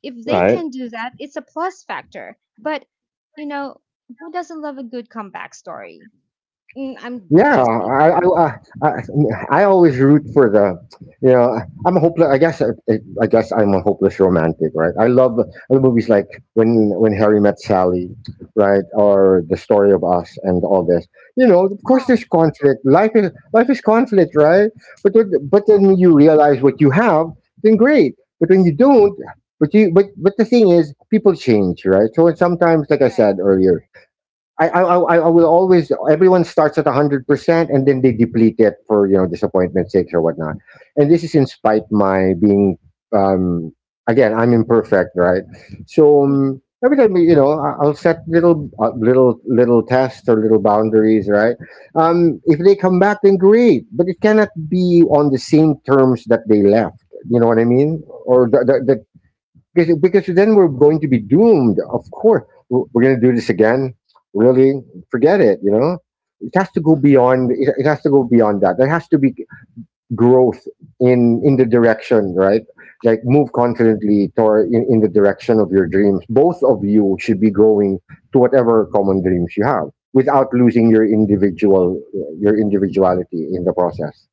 If they Right. can do that, it's a plus factor. But, you know, who doesn't love a good comeback story? Mm, I'm Yeah, just thinking. I I, I I I always root for the, you know, I'm a hopeless. I guess I'm a hopeless romantic, right? I love movies like when Harry Met Sally, right, or The Story of Us and all this. You know, of course, there's Oh, conflict. Life is conflict, right? But then you realize what you have, then great. But when you don't, but the thing is, people change, right? So it's sometimes, like I right. said earlier, I will always, everyone starts at 100% and then they deplete it for, you know, disappointment's sakes or whatnot. And this is in spite my being, um, again, I'm imperfect, right? So Mm-mm. um, every time, you know, I'll set little, little tests or little boundaries, right? If they come back, then great, but it cannot be on the same terms that they left. You know what I mean? Or the, because then we're going to be doomed. Of course, we're going to do this again. Really, forget it. You know, it has to go Mm. beyond. It has to go beyond that. There has to be growth in the direction, right? Like move confidently toward in the direction of your dreams. Both of you should be growing to whatever common dreams you have without losing your individuality in the process.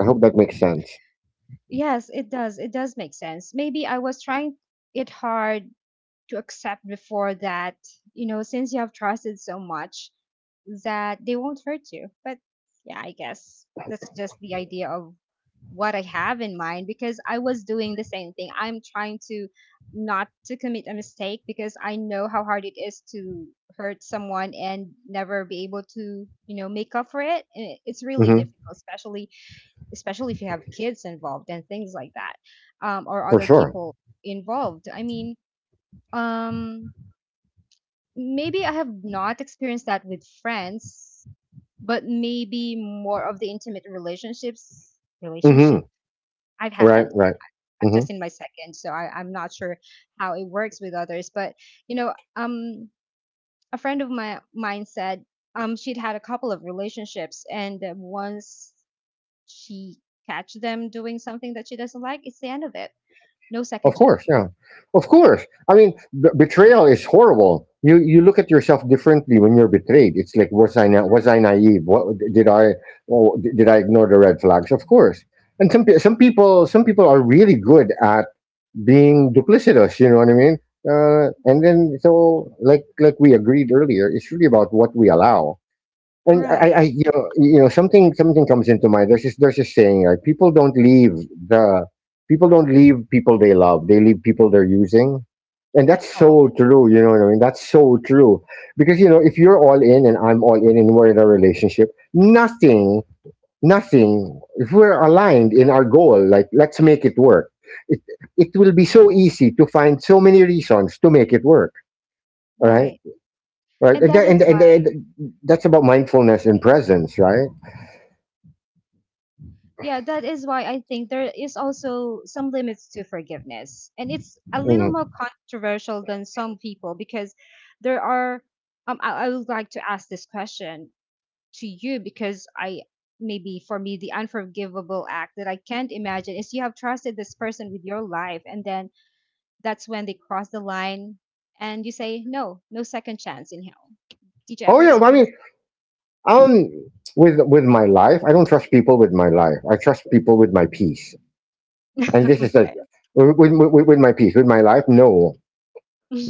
I hope that makes sense. Yes, it does. It does make sense. Maybe I was trying it hard to accept before that, you know, since you have trusted so much that they won't hurt you. But yeah, I guess that's just the idea of what I have in mind because I was doing the same thing. I'm trying to not to commit a mistake because I know how hard it is to hurt someone and never be able to, you know, make up for it. And it's really Hmm. difficult, especially especially if you have kids involved and things like that, or For other sure. people involved. I mean, um, maybe I have not experienced that with friends, but maybe more of the intimate Hmm. relationship I've had. Right. Right. I'm Hmm. just in my second, so I'm not sure how it works with others. But you know, a friend of my mine said she'd had a couple of relationships, and once she catch them doing something that she doesn't like, it's the end of it. No second Of course, chances. yeah. Of course. I mean, betrayal is horrible. You look at yourself differently when you're betrayed. It's like, was I naive? What did I, oh, did I ignore the red flags? Of course. And some people are really good at being duplicitous. You know what I mean? And then, like we agreed earlier, it's really about what we allow. And Right. You know, something comes into mind. There's there's this saying, right? The, people don't leave people they love. They leave people they're using, and that's Oh, so true. You know what I mean? That's so true. Because you know, if you're all in and I'm all in, and we're in a relationship, nothing. If we're aligned in our goal, like let's make it work, it, it will be so easy to find so many reasons to make it work. Right, right. right, And that is why. and that's about mindfulness and presence, right? Yeah, that is why I think there is also some limits to forgiveness. And it's a little more Mm. controversial than some people because there are, I would like to ask this question to you because maybe for me, the unforgivable act that I can't imagine is you have trusted this person with your life, and then that's when they cross the line and you say, no, no second chance in hell. Did you Oh ever yeah, well, I experience mean, um, with my life, I don't trust people with my life. I trust people with my peace, and this is like Okay. With my peace, with my life. No,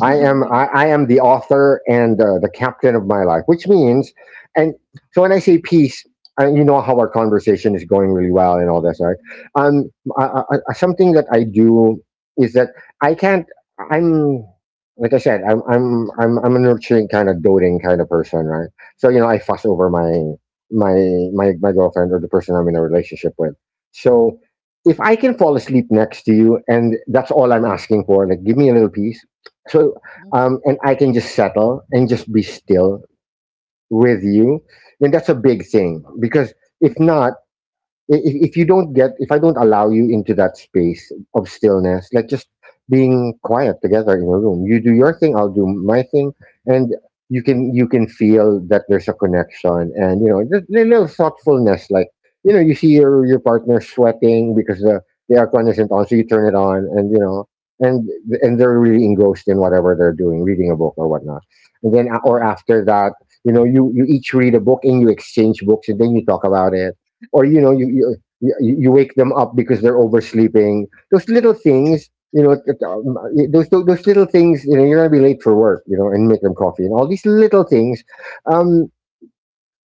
Okay. *laughs* I am the author and the captain of my life, which means, and so when I say peace, and you know how our conversation is going really well and all this, right? Um, I, Something that I do is that I can't. I'm Like I said, I'm a nurturing kind of doting kind of person, right? So you know, I fuss over my my girlfriend or the person I'm in a relationship with. So if I can fall asleep next to you, and that's all I'm asking for, like give me a little peace, so, Mm, and I can just settle and just be still with you. And that's a big thing because mm, if not, if you don't get, if I don't allow you into that space of stillness, like just being quiet together in a room, you do your thing, I'll do my thing, and you can feel that there's a connection, and you know the little thoughtfulness, like you know, you see your partner sweating because the aircon isn't on, so you turn it on, and you know, and and they're really engrossed in whatever they're doing, reading a book or whatnot, and then mm. or after that, you know, you each read a book and you exchange books, and then you talk about it. Or you know, you wake them up because they're oversleeping. Those little things, you know, that, those little things. You know, you're gonna be late for work, you know, and make them coffee and all these little things. Um,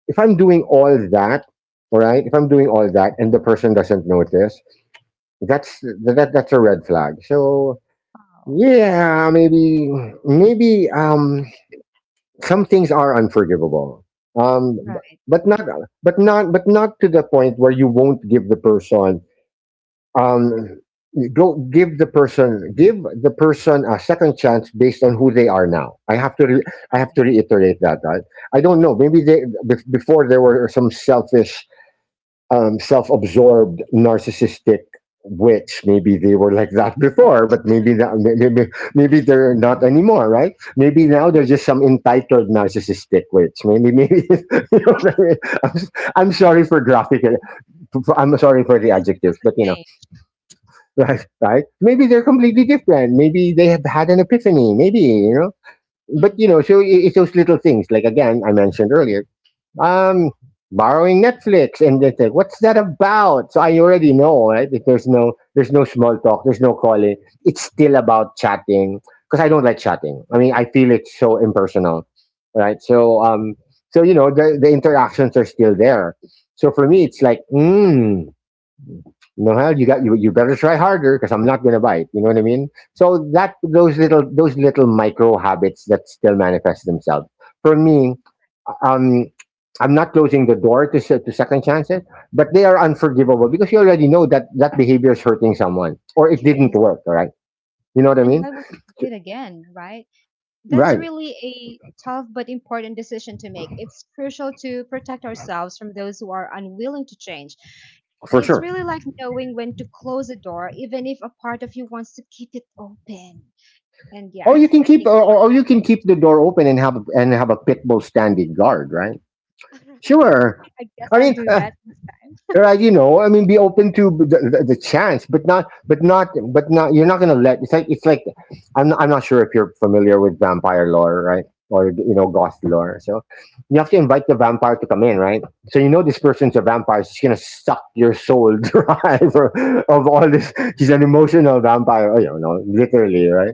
if I'm doing all that, all right, if I'm doing all that and the person doesn't notice, that's a red flag. So Wow. yeah, maybe some things are unforgivable. Um, b- Right, but not, but not to the point where you won't give the person, um you go give the person a second chance based on who they are now. I have to I have right. to reiterate that, I don't know, maybe before there were some selfish, self-absorbed, narcissistic witch, maybe they were like that before, but maybe maybe they're not anymore, right? Maybe now they're just some entitled narcissistic witch, maybe, maybe. *laughs* You know what I mean? I'm, s- I'm sorry for graphic, I'm sorry for the Least there was adjectives, a but you know. change. Right, right. Maybe they're completely different. Maybe they have had an epiphany. Maybe you know. But you Mm, know, so it's those little things. Like again, I mentioned earlier, um, borrowing Netflix, and they say, "What's that about?" So I already know, right? If there's no, small talk, there's no calling. It's still about chatting because I don't like chatting. I mean, I feel it's so impersonal, right? So you know, the interactions are still there. So for me, it's like, mm, you know, hell, you got you. You better try harder because I'm not gonna bite. You know what I mean? So that those little micro habits that still manifest themselves. For me, um, I'm not closing the door to to second chances, but they are unforgivable because you already know that that behavior is hurting someone or it didn't yes. work. All right, you know what I And mean? why would you do it again, right? That's Right, really a tough but important decision to make. It's crucial to protect ourselves from those who are unwilling to change. for It's sure. really like knowing when to close a door, even if a part of you wants to keep it open. And yeah, Or you can keep or, or or you can keep the door open and have a pit bull standing guard. Right? want, *laughs* alright. Sure. I guess I I'll mean, do that. *laughs* right, be open to the chance but not but not but not you're not gonna let it's like I'm not sure if you're familiar with vampire lore, right? Or you know, ghost lore. So you have to invite the vampire to come in, right? So you know, this person's a vampire. She's gonna suck your soul *laughs* dry for, of all this, she's an emotional vampire. Oh, you know, literally, right?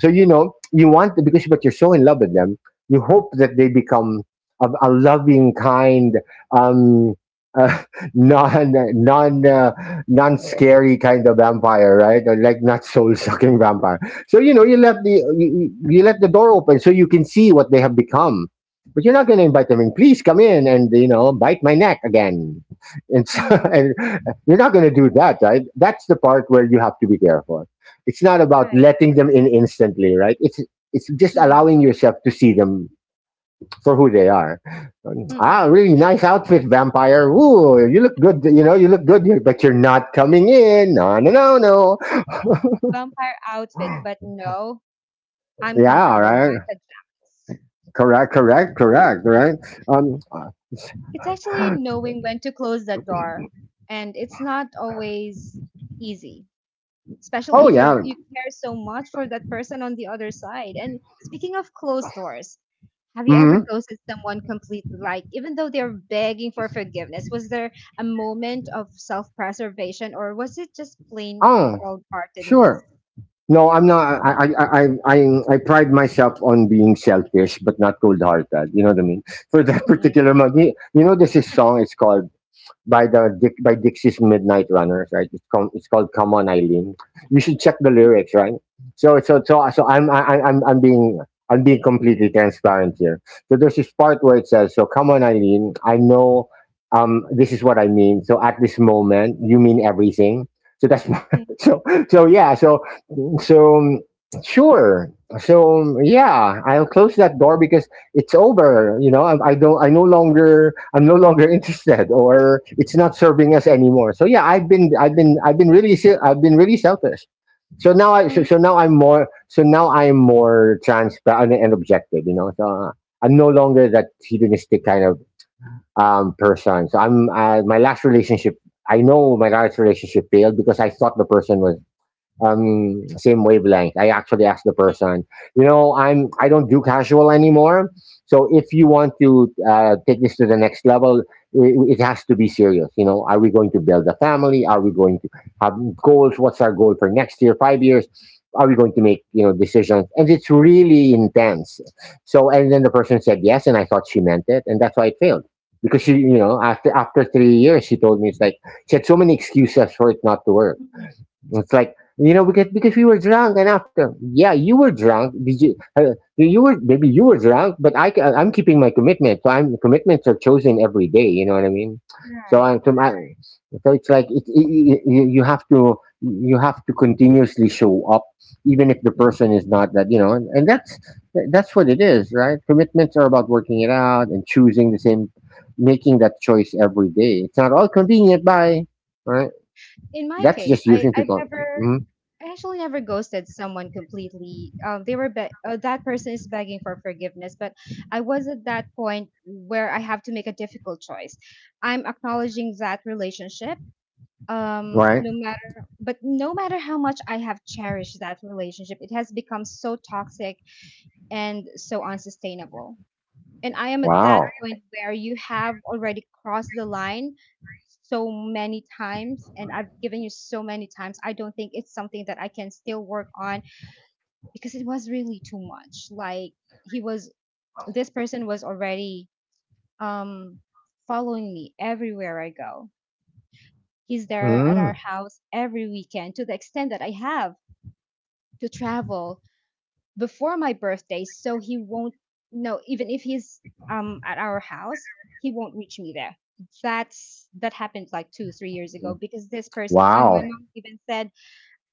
So you know, you want, because but you're so in love with them, you hope that they become a loving, kind, um, uh, *laughs* non non uh, non scary kind of vampire, right? Or like not soul sucking vampire. So you know, you let the you let the door open so you can see what they have become. But you're not going to invite them in. Please come in and you know, bite my neck again. And, so, *laughs* Mm-mm, and you're not going to do that, right? That's the part where you have to be careful. It's not about right. letting them in instantly, right? It's just Mm-mm, allowing yourself to see them for who they are. Ah, mm-mm. really nice outfit, vampire. Ooh, you look good. You know, you look good here, but you're not coming in. No, no, no, no. See, vampire outfit, but no, I'm Yeah, all comfortable in my right. pajamas. Correct, correct, correct, right? Um. It's actually knowing when to close that door. And it's not always easy, especially Oh if you're yeah. you care so much for that person on the other side. And speaking of closed doors, have you ever Hmm. ghosted someone completely, like even though they're begging for forgiveness? Was there a moment of self-preservation, or was it just plain Oh, cold-heartedness? sure. No, I'm not. I pride myself on being selfish, but not cold-hearted. You know what I mean? For that *laughs* Mm-mm. particular month, you know, there's this song. It's called by the Dick, by Dixie's Midnight Runners, right? It's called Come On Eileen. You should check the lyrics, right? So I'm being completely transparent here. So there's this part where it says, "So come on, Eileen, I know this is what I mean. So at this moment, you mean everything." So that's *laughs* so so yeah. So so um, sure. Yeah, I'll close that door because it's over. You know, I don't. I no longer. I'm no longer *laughs* interested, or it's not serving us anymore. So yeah, I've been really. I've been really selfish. So now I. So, Mm-mm. so now I'm more. So now I'm more transparent and objective. You know. So I'm no longer that hedonistic kind of person. So I'm. My last relationship. I know my last relationship failed because I thought the person was same wavelength. I actually asked the person, you know, I'm, I don't do casual anymore. So if you want to take this to the next level, it has to be serious. You know, are we going to build a family? Are we going to have goals? What's our goal for next year, 5 years? Are we going to make, you know, decisions? And it's really intense. So and then the person said yes, and I thought she meant it, and that's why it failed. Because she, you know, after 3 years, she told me. It's like she had so many excuses for it not to work. Mm-mm. It's like, you know, because we were drunk. And after, yeah, you were drunk, did you, you were, maybe you were drunk, but I'm keeping my commitment. So I'm, commitments are chosen every day. You know what I mean? so Right. I'm so, my, so it's like you have to, you have to continuously show up even if the person is not, that, you know. And that's what it is, right? Commitments are about working it out and choosing the same, making that choice every day. It's not all convenient by, right? In my That's case, just using I've people. never I actually never ghosted someone completely. They were that person is begging for forgiveness, but I was at that point where I have to make a difficult choice. I'm acknowledging that relationship. Right. No matter, but no matter how much I have cherished that relationship, it has become so toxic and so unsustainable, and I am at that Wow. point where you have already crossed the line so many times, and I've given you so many times. I don't think it's something that I can still work on because it was really too much. Like he was this person was already um following me everywhere I go. He's there at our Mm. house every weekend to the extent that I have to travel before my birthday so he won't know. Even if he's at our house, he won't reach me there. That's that happened like two three years ago because this person, my Wow. mom even said,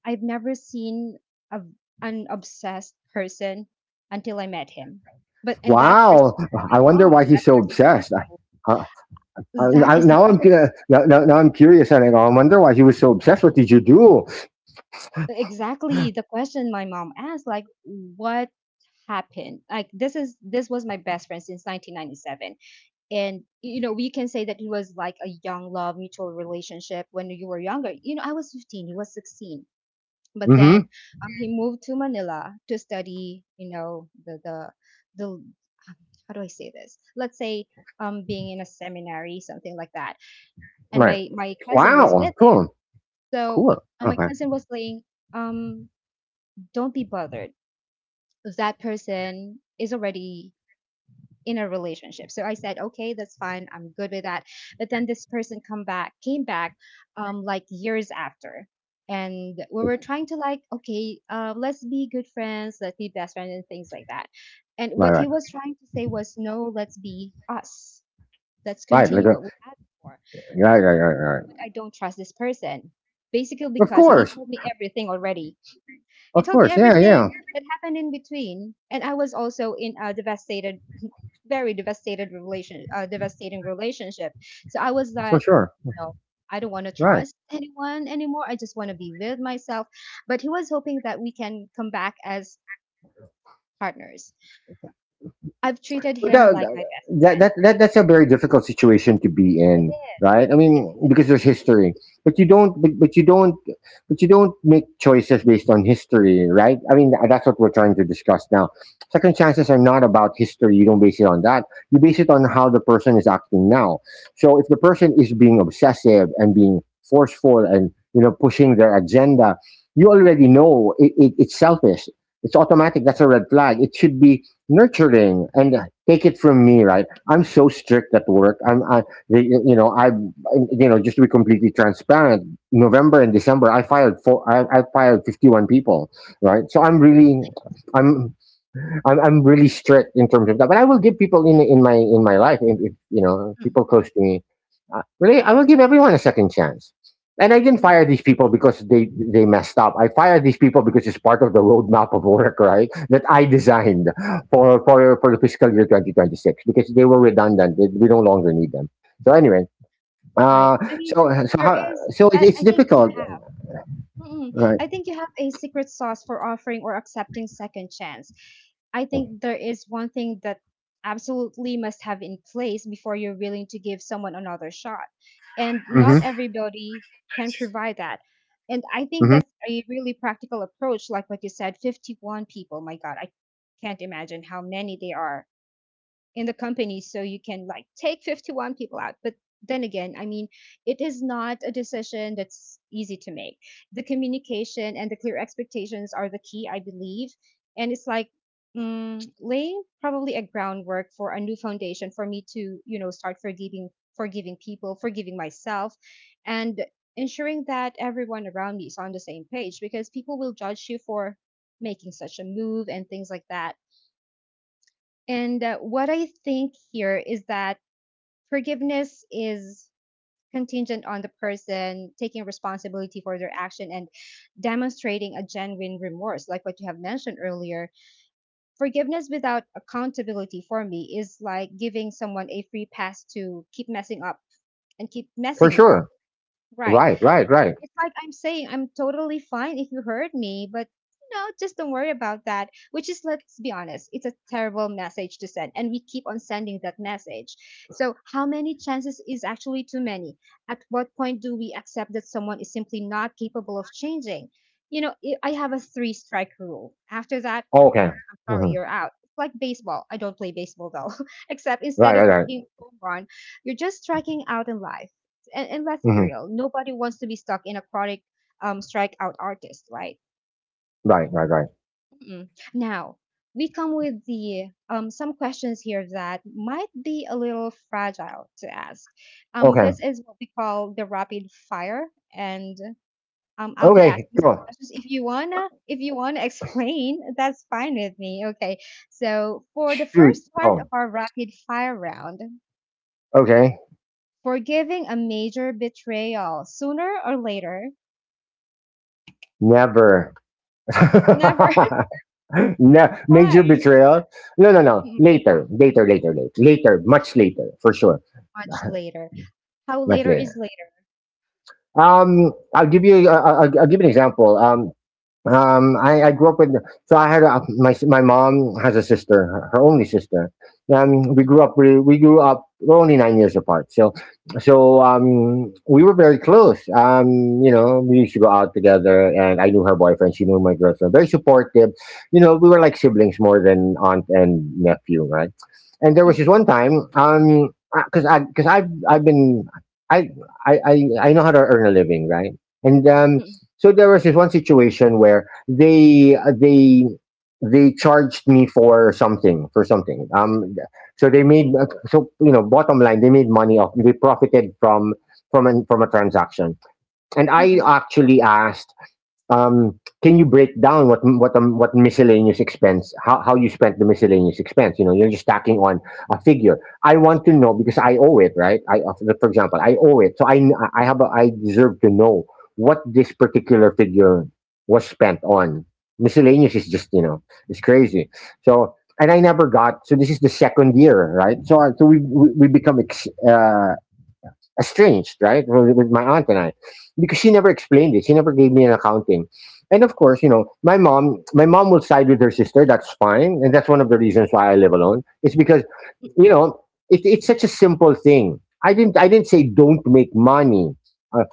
I've never seen a, an obsessed person until I met him. But and that person Wow. was I my wonder mom. why That he's so person obsessed. I, was that is the now I'm question gonna, now I'm curious, and I go, I wonder why he was so obsessed. What did you do? exactly the question my mom asked, like what happened? Like this is this was my best friend since 1997, and you know, we can say that it was like a young love mutual relationship. When you were younger, you know, I was 15, he was 16. But then Mm-hmm. He moved to Manila to study, you know, the how do I say this? Let's say being in a seminary, something like that. And Right. My cousin was Wow. with him. Cool. So Cool. My Okay. cousin was saying um don't be bothered, that person is already in a relationship. So I said, okay, that's fine. I'm good with that. But then this person came back, like years after, and we were trying to like, okay, let's be good friends, let's be best friends, and things like that. And Right. what he Right. was trying to say was, no, let's be us. Let's Right. Like continue a, what we had before. right. Right. Right. But Right. I don't trust this person, basically Of because he course. told me everything already. he Of told me course. Yeah. everything Yeah. that happened in between, and I was also in a very devastated devastating relationship. So I was For that, sure. you know, I don't want to Right. trust anyone anymore. I just want to be with myself. But he was hoping that we can come back as partners. I've treated him like that, my best that, that, friend. that that's a very difficult situation to be It in, is. right? I It mean, is. because there's history. But you don't, but you don't but you don't make choices based on history, right? I mean, that's what we're trying to discuss now. Second chances are not about history. You don't base it on that. You base it on how the person is acting now. So if the person is being obsessive and being forceful and, you know, pushing their agenda, you already Mm, know it's selfish. It's automatic. That's a red flag. It should be nurturing and take it from me, right? I'm so strict at work. You know, I, you know, just to be completely transparent, November and December, I fired 51 people, right? So I'm really, I'm, I'm really strict in terms of that. But I will give people in in my life, if you know, mm, people close to me, really, I will give everyone a second chance. And I didn't mm. fire these people because they messed up. I fired these people because it's part of the roadmap of work, right? That I designed for the fiscal year 2026 because they were redundant. We no longer need them. So anyway, Right. uh, I mean, there is so it, that. it's I think you difficult, Mm, right? I think you have a secret sauce for offering or accepting second chance. I think there is one thing that absolutely must have in place before you're willing to give someone another shot. And Hmm. not everybody can provide that. And I think Hmm. that's a really practical approach. Like what you said, 51 people. My God, I can't imagine how many they are in the company so you can like take 51 people out. But then again, I mean, it is not a decision that's easy to make. The communication and the clear expectations are the key, I believe. And it's like mm, laying probably a groundwork for a new foundation for me to, you know, start forgiving forgiving people, forgiving myself, and ensuring that everyone around me is on the same page because people will judge you for making such a move and things like that. And what I think here is that forgiveness is contingent on the person taking responsibility for their action and demonstrating a genuine remorse, like what you have mentioned earlier. Forgiveness without accountability for me is like giving someone a free pass to keep messing up and keep For messing you up. sure. Right. Right. Right. Right. It's like I'm saying, I'm totally fine if you hurt me, but you know, just don't worry about that. Which is, let's be honest, it's a terrible message to send, and we keep on sending that message. So, how many chances is actually too many? At what point do we accept that someone is simply not capable of changing? You know, I have a three strike rule. After that, Okay. sorry, Hmm. you're out. It's like baseball. I don't play baseball though. *laughs* Except Right. instead Right. of Right. hitting home run, you're just striking out in life. And let's be Hmm. real, nobody wants to be stuck in a chronic strikeout artist, right? Right. Right. Right. Mm-mm. Now, we come with the some questions here that might be a little fragile to ask. Okay. This is what we call the rapid fire, and I'll be Okay. asking some Go. questions. If you wanna explain, *laughs* that's fine with me. Okay. So for the Shoot. first part of Go. our rapid fire round, Okay. forgiving a major betrayal, sooner or later? Never. Never. *laughs* *laughs* No, major Why? betrayal. No, no, no. Mm-mm, Later, later, later, later, later. Much later, for sure. much *laughs* later. How Much later is later. later? I'll give you. I'll give you an example. I grew up with, so I had a, my my mom has a sister, her, her only sister. Mm-mm, We grew up, we're only 9 years apart. So so we were very close. You know, we used to go out together, and I knew her boyfriend, she knew my girlfriend. Very supportive. You know, we were like siblings more than aunt and nephew, right? And there was this mm-mm, one time, because I've been I I know how to earn a living, right? And mm-mm, so there was this one situation where they charged me for something for something. So they made, so you know, bottom line, they made money off, they profited from from a transaction. And I mm-mm, actually asked, can you break down what miscellaneous expense, how you spent the miscellaneous expense? You know, you're just tacking on a figure. I want to know, because I owe it. Right, I, for example, I owe it, so I have a, I deserve to know what this particular figure was spent on. Miscellaneous is just, you know, it's crazy. So, and I never got. So this is the second year, right? So so we become estranged, right, with my aunt and I, because she never explained it. She never gave me an accounting, and of course, you know, my mom will side with her sister. That's fine, and that's one of the reasons why I live alone. It's because, you know, it, it's such a simple thing. I didn't say don't make money. Uh,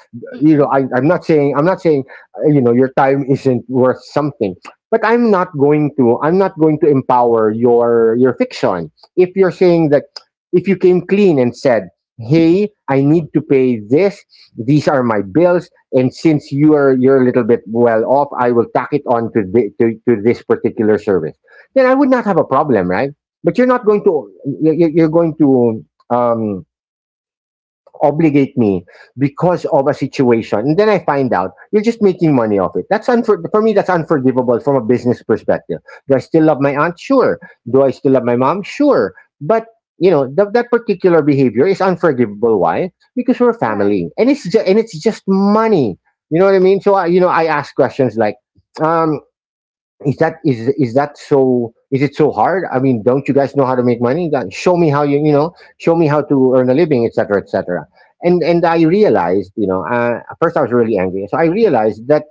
you know, mm-mm, I'm not saying, you know, your time isn't worth something. But I'm not going to empower your fiction. If you're saying that, if you came clean and said, "Hey, I need to pay this, these are my bills, and since you're a little bit well off, I will tack it on to this particular service, then I would not mm-mm. have a problem, right?" But you're not going to, you're going to, um, obligate me because of a situation, and then I find out you're just making money off it. That's for me, that's unforgivable from a business perspective. Do I still love my aunt? Sure. Do I still love my mom? Sure. But you know, that particular behavior is unforgivable. Why? Because we're Right. family, and it's just money. You know what I mean? So I I ask questions like, um is that, is that so? Is it so hard? I mean, don't you guys know how to make money? Show me how you you know. Show me how to earn a living, etc., etc. And I realized, at first I was really angry. So I realized that,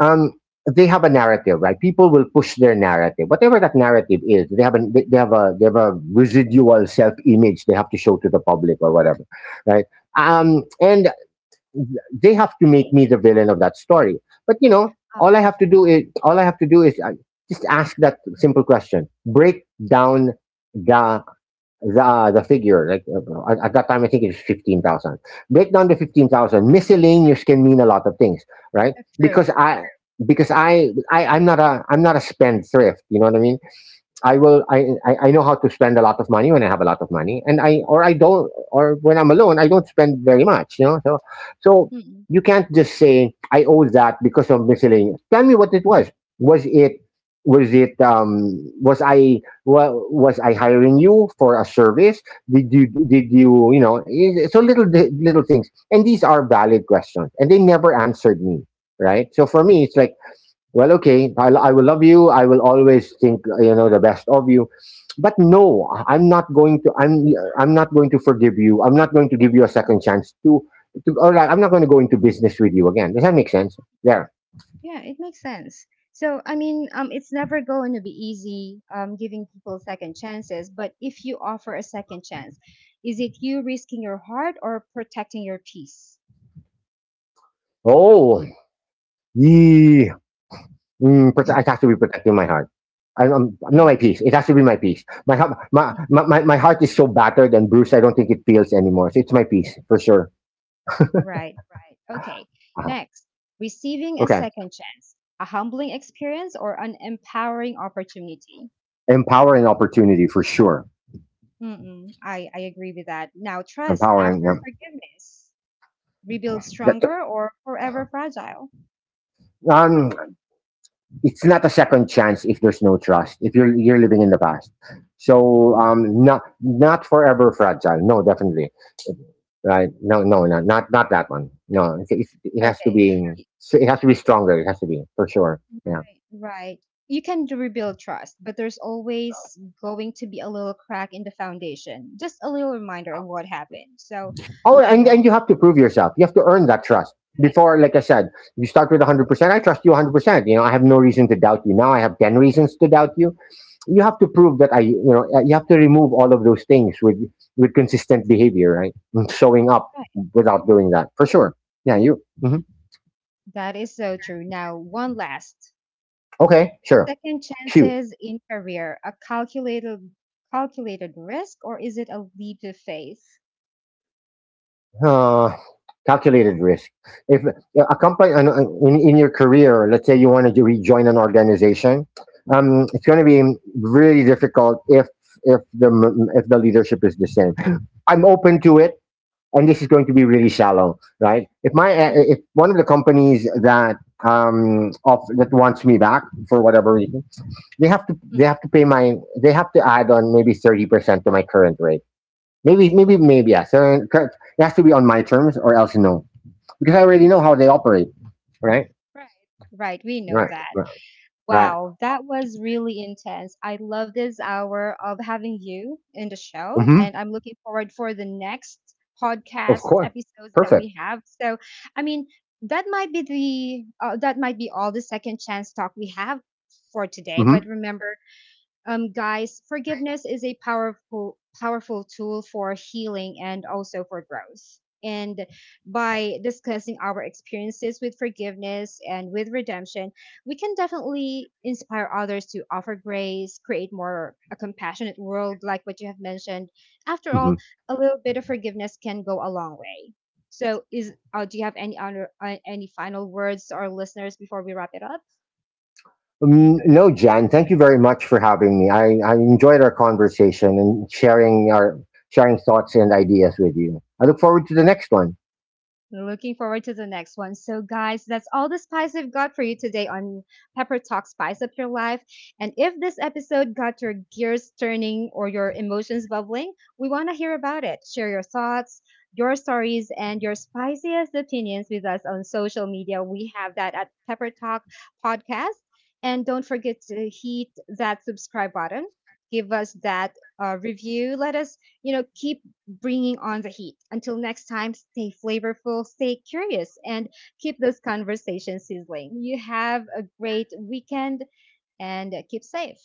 um, they have a narrative, right? People will push their narrative, whatever that narrative is. They have a residual self image they have to show to the public or whatever, right? And they have to make me the villain of that story. But you know, Oh, all I have to do is just ask that simple question. Break down the the figure. Like, at that time, I think it's 15,000. Break down the 15,000. Miscellaneous can mean a lot of things, right? that's true. Because I because I, I'm not a spendthrift. You know what I mean? I will. I know how to spend a lot of money when I have a lot of money, and I don't, or when I'm alone, I don't spend very much. You know, so so you can't just say I owe that because of miscellaneous. Tell me what it was. Was it was it, was I, well, was I hiring you for a service? Did you, you know, so little things, and these are valid questions, and they never answered me. Right. So for me, it's like, well, okay, I will love you, I will always think, you know, the best of you, but no, I'm not going to forgive you. I'm not going to give you a second chance I'm not going to go into business with you again. Does that make sense? There. Yeah, it makes sense. So, I mean, it's never going to be easy giving people second chances, but if you offer a second chance, is it you risking your heart or protecting your peace? Oh, yeah. It has to be protecting my heart. Not Mm. my peace. It has to be my peace. My, heart- my heart is so battered and bruised, I don't think it feels anymore. So it's my peace, for sure. Right, right. Okay. Next, receiving a Okay. second chance, a humbling experience or an empowering opportunity. Empowering opportunity, for sure. Mm-mm, I agree with that. Now, trust Empowering. after forgiveness, rebuild Yeah. That, stronger or forever fragile. um, it's not a second chance if there's no trust, if you're living in the past. So, Mm, not, not forever fragile, no. Definitely right, not that one, no, it has to okay. be, it has to be stronger, it has to be, for sure. Yeah. Right. You can rebuild trust, but there's always going to be a little crack in the foundation, just a little reminder of what happened. So, Oh, you and know, you have to prove yourself, you have to earn that trust, right, before, like I said, you start with 100%. I trust you 100%. You know, I have no reason to doubt you. Now I have 10 reasons to doubt you. You have to prove that, you have to remove all of those things with consistent behavior, right? And showing up. right. Without doing that, for sure. Yeah, you. Mhm. That is so true. Now, one last Okay, sure. second Shoot. chances in career, a calculated risk or is it a leap of faith? Uh, calculated risk. If, a company, in your career, let's say you wanted to rejoin an organization, it's going to be really difficult if, if the leadership is the same. I'm open to it, and this is going to be really shallow, right? If my, Mm, if one of the companies that, off, that wants me back for whatever reason, mm, they have to pay my, they have to add on maybe 30% to my current rate. Maybe yeah. It has to be on my terms, or else no, because I already know how they operate, right? right. Right, we know Right, that. right, right. Wow, that was really intense. I love this hour of having you in the show, and Mm-hmm. I'm looking forward for the next Of podcast course, episodes that perfect. we have. So, I mean, that might be the that might be all the second chance talk we have for today. But Mm-hmm. remember, guys, forgiveness is a powerful tool for healing and also for growth. And by discussing our experiences with forgiveness and with redemption, we can definitely inspire others to offer grace, create more a compassionate world, like what you have mentioned. After Mm-hmm. all, a little bit of forgiveness can go a long way. So, is do you have any other any final words to our listeners before we wrap it up? Mm, no, Jan, thank you very much for having me. I enjoyed our conversation and sharing our sharing thoughts and ideas with you. I look forward to the next one. Looking forward to the next one. So, guys, that's all the spice we've got for you today on Pepper Talk Spice Up Your Life. And if this episode got your gears turning or your emotions bubbling, we want to hear about it. Share your thoughts, your stories, and your spiciest opinions with us on social media. We have that at Pepper Talk Podcast. And don't forget to hit that subscribe button. Give us that review. Let us, you know, keep bringing on the heat. Until next time, stay flavorful, stay curious, and keep those conversations sizzling. You have a great weekend and keep safe.